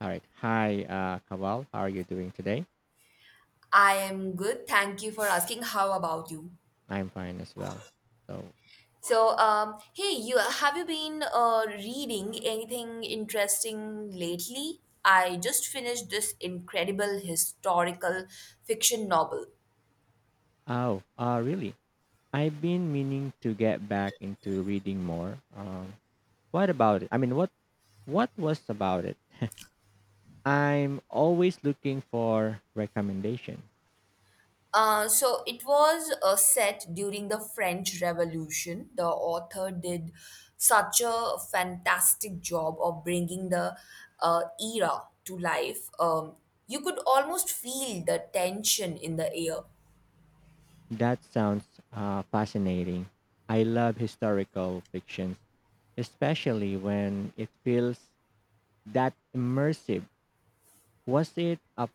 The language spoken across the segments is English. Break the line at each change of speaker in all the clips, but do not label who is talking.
All right. Hi, Kaval. How are you doing today?
I am good. Thank you for asking. How about you?
I'm fine as well. So,
Hey, you have you been reading anything interesting lately? I just finished this incredible historical fiction novel.
oh, really? I've been meaning to get back into reading more. What about it? I mean, what was about it? I'm always looking for recommendation.
So it was set during the French Revolution. The author did such a fantastic job of bringing the era to life. You could almost feel the tension in the air.
That sounds fascinating. I love historical fictions, especially when it feels that immersive. Was it a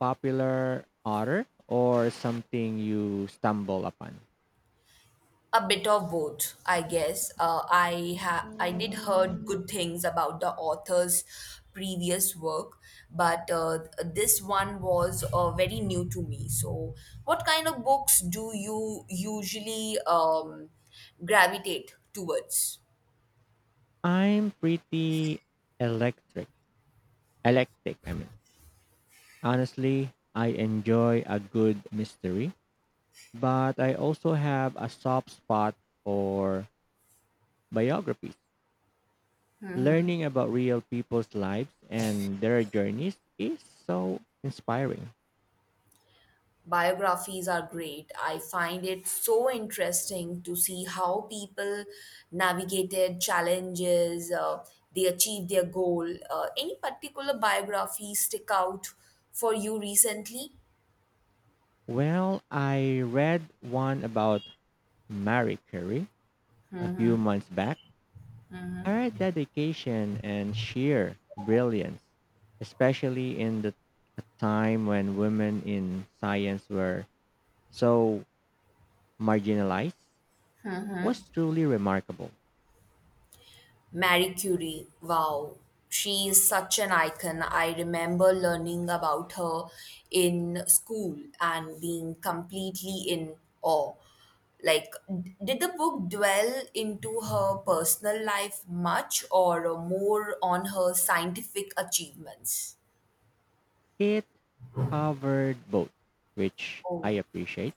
popular author or something you stumble upon?
A bit of both, I guess. I did heard good things about the author's previous work, but this one was very new to me. So, what kind of books do you usually gravitate towards?
I'm pretty electric, electric, I mean. Honestly, I enjoy a good mystery, but I also have a soft spot for biographies. Learning about real people's lives and their journeys is so inspiring.
Biographies are great. I find it so interesting to see how people navigated challenges, they achieved their goal. Any particular biography stick out for you recently?
Well, I read one about Marie Curie a few months back. Her dedication and sheer brilliance, especially in the a time when women in science were so marginalized, was truly remarkable.
Marie Curie, wow, she is such an icon. I remember learning about her in school and being completely in awe. Did the book dwell into her personal life much or more on her scientific achievements?
It covered both, which I
Oh,
appreciate.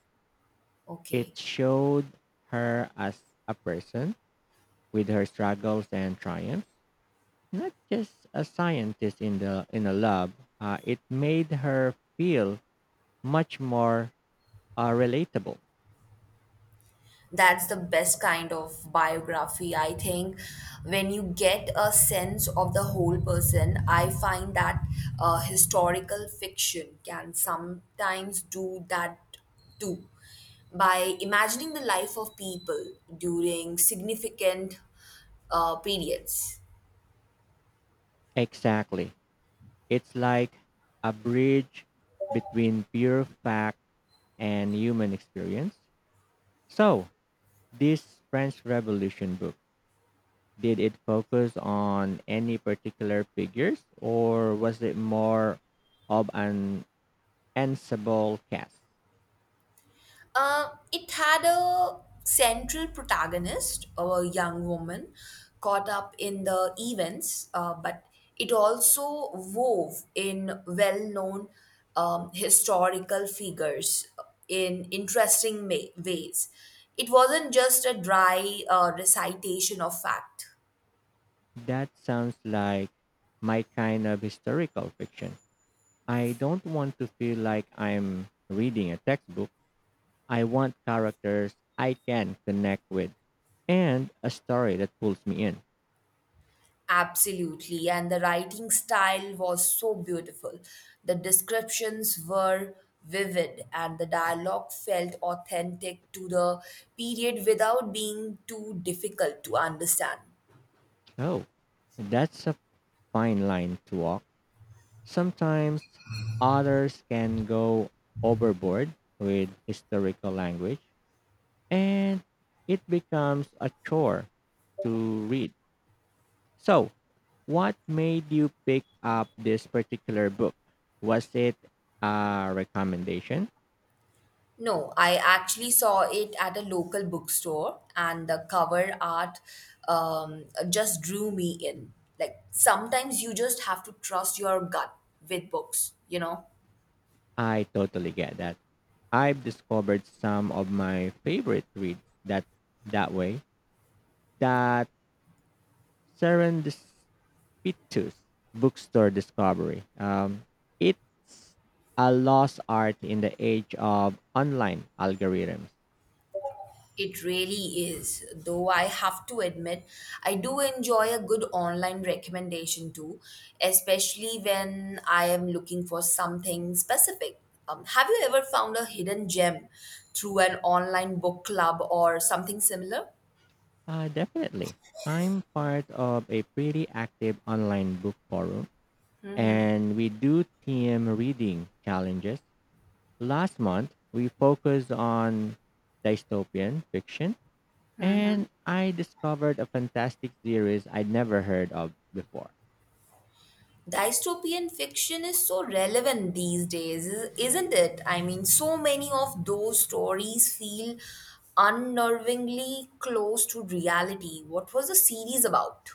okay.
It showed her as a person with her struggles and triumphs, not just a scientist in the in a lab. It made her feel much more relatable.
That's the best kind of biography, I think, when you get a sense of the whole person. I find that historical fiction can sometimes do that too, by imagining the life of people during significant periods.
Exactly. It's like a bridge between pure fact and human experience. So, this French Revolution book, did it focus on any particular figures or was it more of an ensemble cast?
It had a central protagonist, a young woman caught up in the events, but it also wove in well known historical figures in ways. It wasn't just a dry recitation of fact.
That sounds like my kind of historical fiction. I don't want to feel like I'm reading a textbook. I want characters I can connect with and a story that pulls me in.
Absolutely, and the writing style was so beautiful. The descriptions were vivid, and the dialogue felt authentic to the period without being too difficult to understand.
Oh, that's a fine line to walk. Sometimes authors can go overboard with historical language and it becomes a chore to read. So, what made you pick up this particular book? Was it a recommendation?
No, I actually saw it at a local bookstore, and the cover art um, just drew me in. Like, sometimes you just have to trust your gut with books, you know?
I totally get that. I've discovered some of my favorite reads that way, that serendipitous bookstore discovery. It's a lost art in the age of online algorithms.
It really is, though I have to admit, I do enjoy a good online recommendation too, especially when I am looking for something specific. Have you ever found a hidden gem through an online book club or something similar?
Definitely. I'm part of a pretty active online book forum and we do team reading challenges. Last month, we focused on dystopian fiction and I discovered a fantastic series I'd never heard of before.
Dystopian fiction is so relevant these days, isn't it? I mean, so many of those stories feel unnervingly close to reality. What was the series about?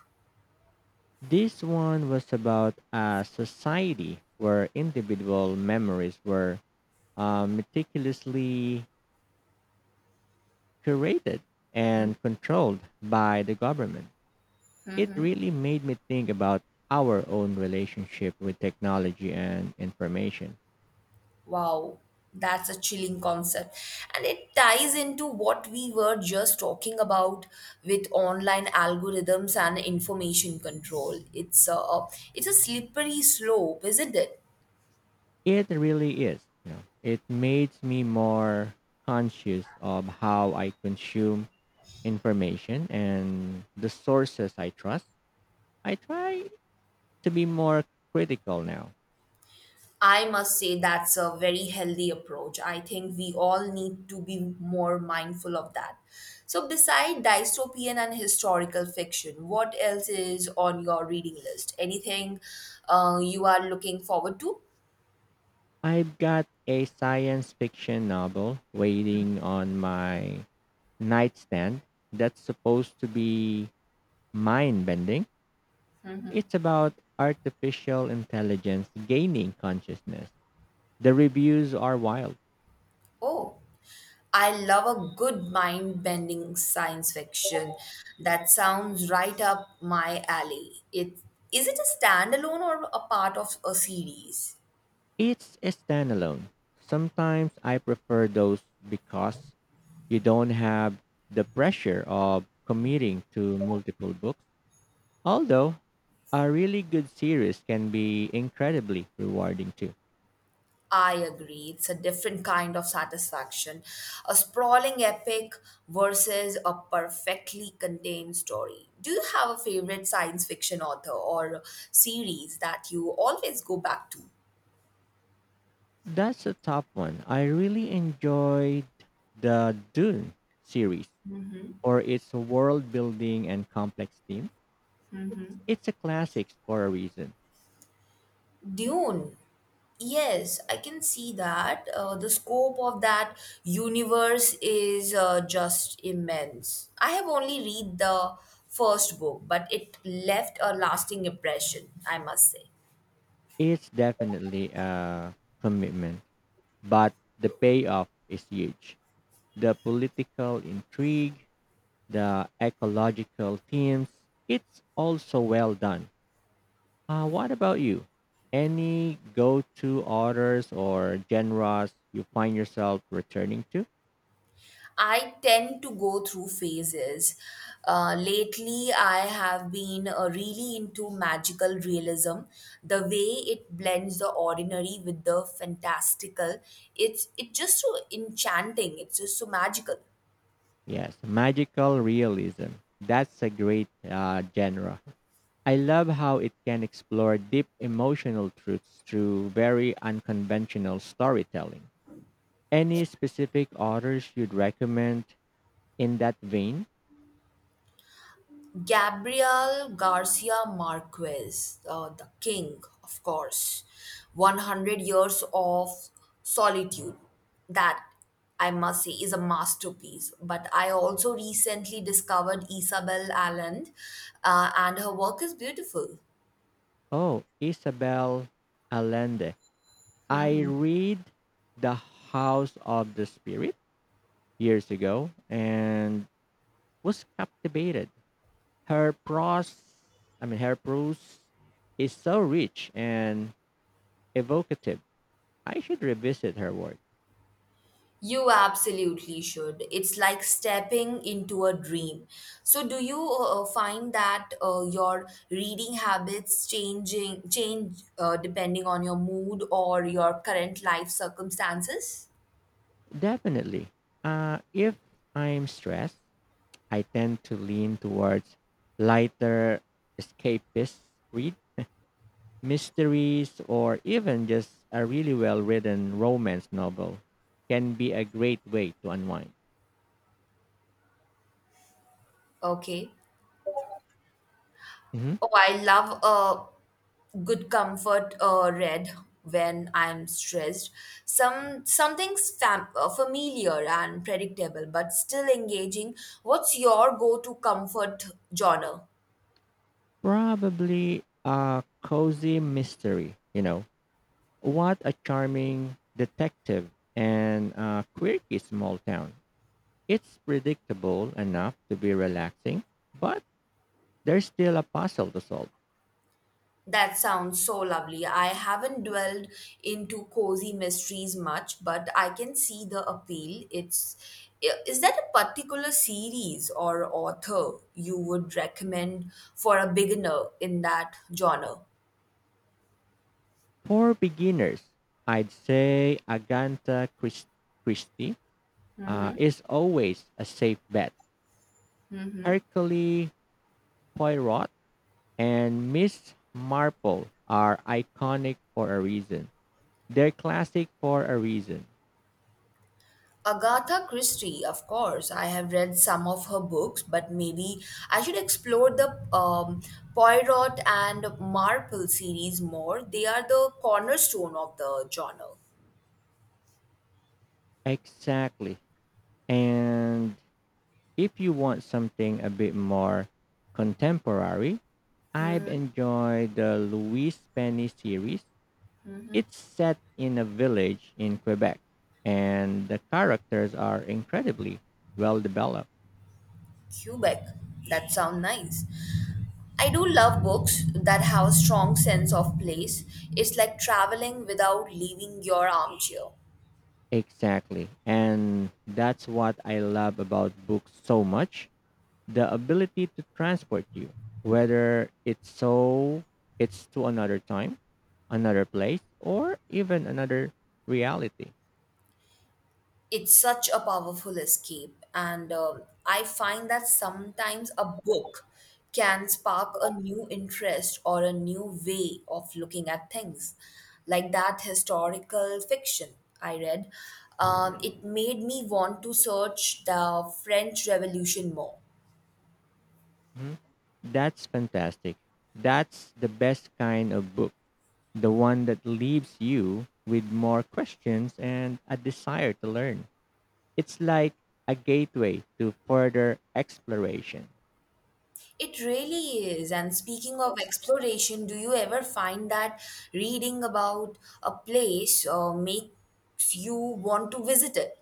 This one was about a society where individual memories were meticulously curated and controlled by the government. It really made me think about our own relationship with technology and information.
Wow, that's a chilling concept. And it ties into what we were just talking about with online algorithms and information control. It's a slippery slope, isn't it?
It really is. You know, it makes me more conscious of how I consume information and the sources I trust. I try to be more critical now.
I must say that's a very healthy approach. I think we all need to be more mindful of that. So, beside dystopian and historical fiction, what else is on your reading list? Anything you are looking forward to?
I've got a science fiction novel waiting on my nightstand that's supposed to be mind bending. It's about artificial intelligence gaining consciousness. The reviews are wild.
Oh. I love a good mind bending science fiction. That sounds right up my alley. Is it a standalone or a part of a series?
It's a standalone. Sometimes I prefer those because you don't have the pressure of committing to multiple books. Although a really good series can be incredibly rewarding too.
I agree. It's a different kind of satisfaction. A sprawling epic versus a perfectly contained story. Do you have a favorite science fiction author or series that you always go back to?
That's a top one. I really enjoyed the Dune series for its world building and complex theme. It's a classic for a reason.
Dune. Yes, I can see that. The scope of that universe is just immense. I have only read the first book, but it left a lasting impression, I must say.
It's definitely a commitment, but the payoff is huge. The political intrigue, the ecological themes, it's also well done. What about you? Any go to authors or genres you find yourself returning to?
I tend to go through phases. Lately, I have been really into magical realism. The way it blends the ordinary with the fantastical, it's just so enchanting. It's just so magical.
Yes, magical realism. That's a great genre. I love how it can explore deep emotional truths through very unconventional storytelling. Any specific authors you'd recommend in that vein?
Gabriel Garcia Marquez, the king, of course. 100 years of solitude. That, I must say, is a masterpiece. But I also recently discovered Isabel Allende, and her work is beautiful.
Oh, Isabel Allende. I read The House of the Spirit years ago and was captivated. Her prose, I mean, her prose is so rich and evocative. I should revisit her work.
You absolutely should. It's like stepping into a dream. So, do you find that your reading habits changing change depending on your mood or your current life circumstances?
Definitely. If I'm stressed, I tend to lean towards lighter escapist read, mysteries, or even just a really well written romance novel can be a great way to unwind.
Okay.
Mhm.
Oh, I love a good comfort read when I'm stressed. Something's familiar and predictable, but still engaging. What's your go-to comfort genre?
Probably a cozy mystery, you know. What a charming detective and a quirky small town. It's predictable enough to be relaxing, but there's still a puzzle to solve.
That sounds so lovely. I haven't dwelled into cozy mysteries much, but I can see the appeal. Is that a particular series or author you would recommend for a beginner in that genre?
For beginners, I'd say Christie is always a safe bet. Hercule Poirot and Miss Marple are iconic for a reason. They're classic for a reason.
Agatha Christie, of course. I have read some of her books, but maybe I should explore the Poirot and Marple series more. They are the cornerstone of the genre.
Exactly. And if you want something a bit more contemporary, I've enjoyed the Louise Penny series. It's set in a village in Quebec, and the characters are incredibly well developed.
Quebec, that sounds nice. I do love books that have a strong sense of place. It's like traveling without leaving your armchair.
Exactly. And that's what I love about books so much, the ability to transport you, whether it's to another time, another place, or even another reality.
It's such a powerful escape, and I find that sometimes a book can spark a new interest or a new way of looking at things. Like that historical fiction I read, it made me want to search the French Revolution more.
Mhm. That's fantastic. That's the best kind of book, the one that leaves you with more questions and a desire to learn. It's like a gateway to further exploration.
It really is. And speaking of exploration, do you ever find that reading about a place makes you want to visit it?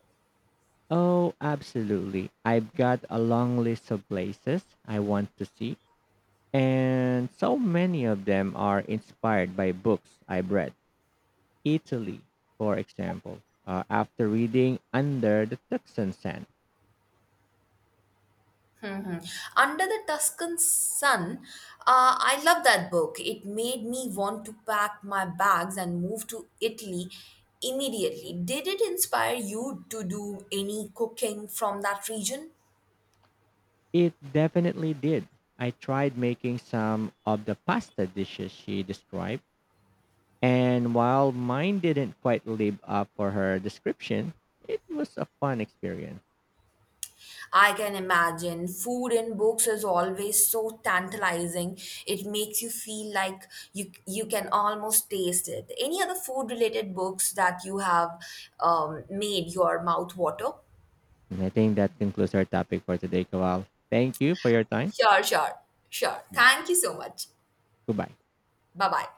Oh, absolutely. I've got a long list of places I want to see, and so many of them are inspired by books I've read. Italy, for example, after reading Under the Tuscan Sun,
Under the Tuscan Sun, I love that book. It made me want to pack my bags and move to Italy immediately. Did it inspire you to do any cooking from that region?
it definitely did. I tried making some of the pasta dishes she described. And while mine didn't quite live up for her description, it was a fun experience.
I can imagine. Food in books is always so tantalizing. It makes you feel like you can almost taste it. Any other food related books that you have made your mouth water?
And I think that concludes our topic for today, Kawal. Thank you for your time.
Sure, sure, sure. Thank you so much.
Goodbye.
Bye bye.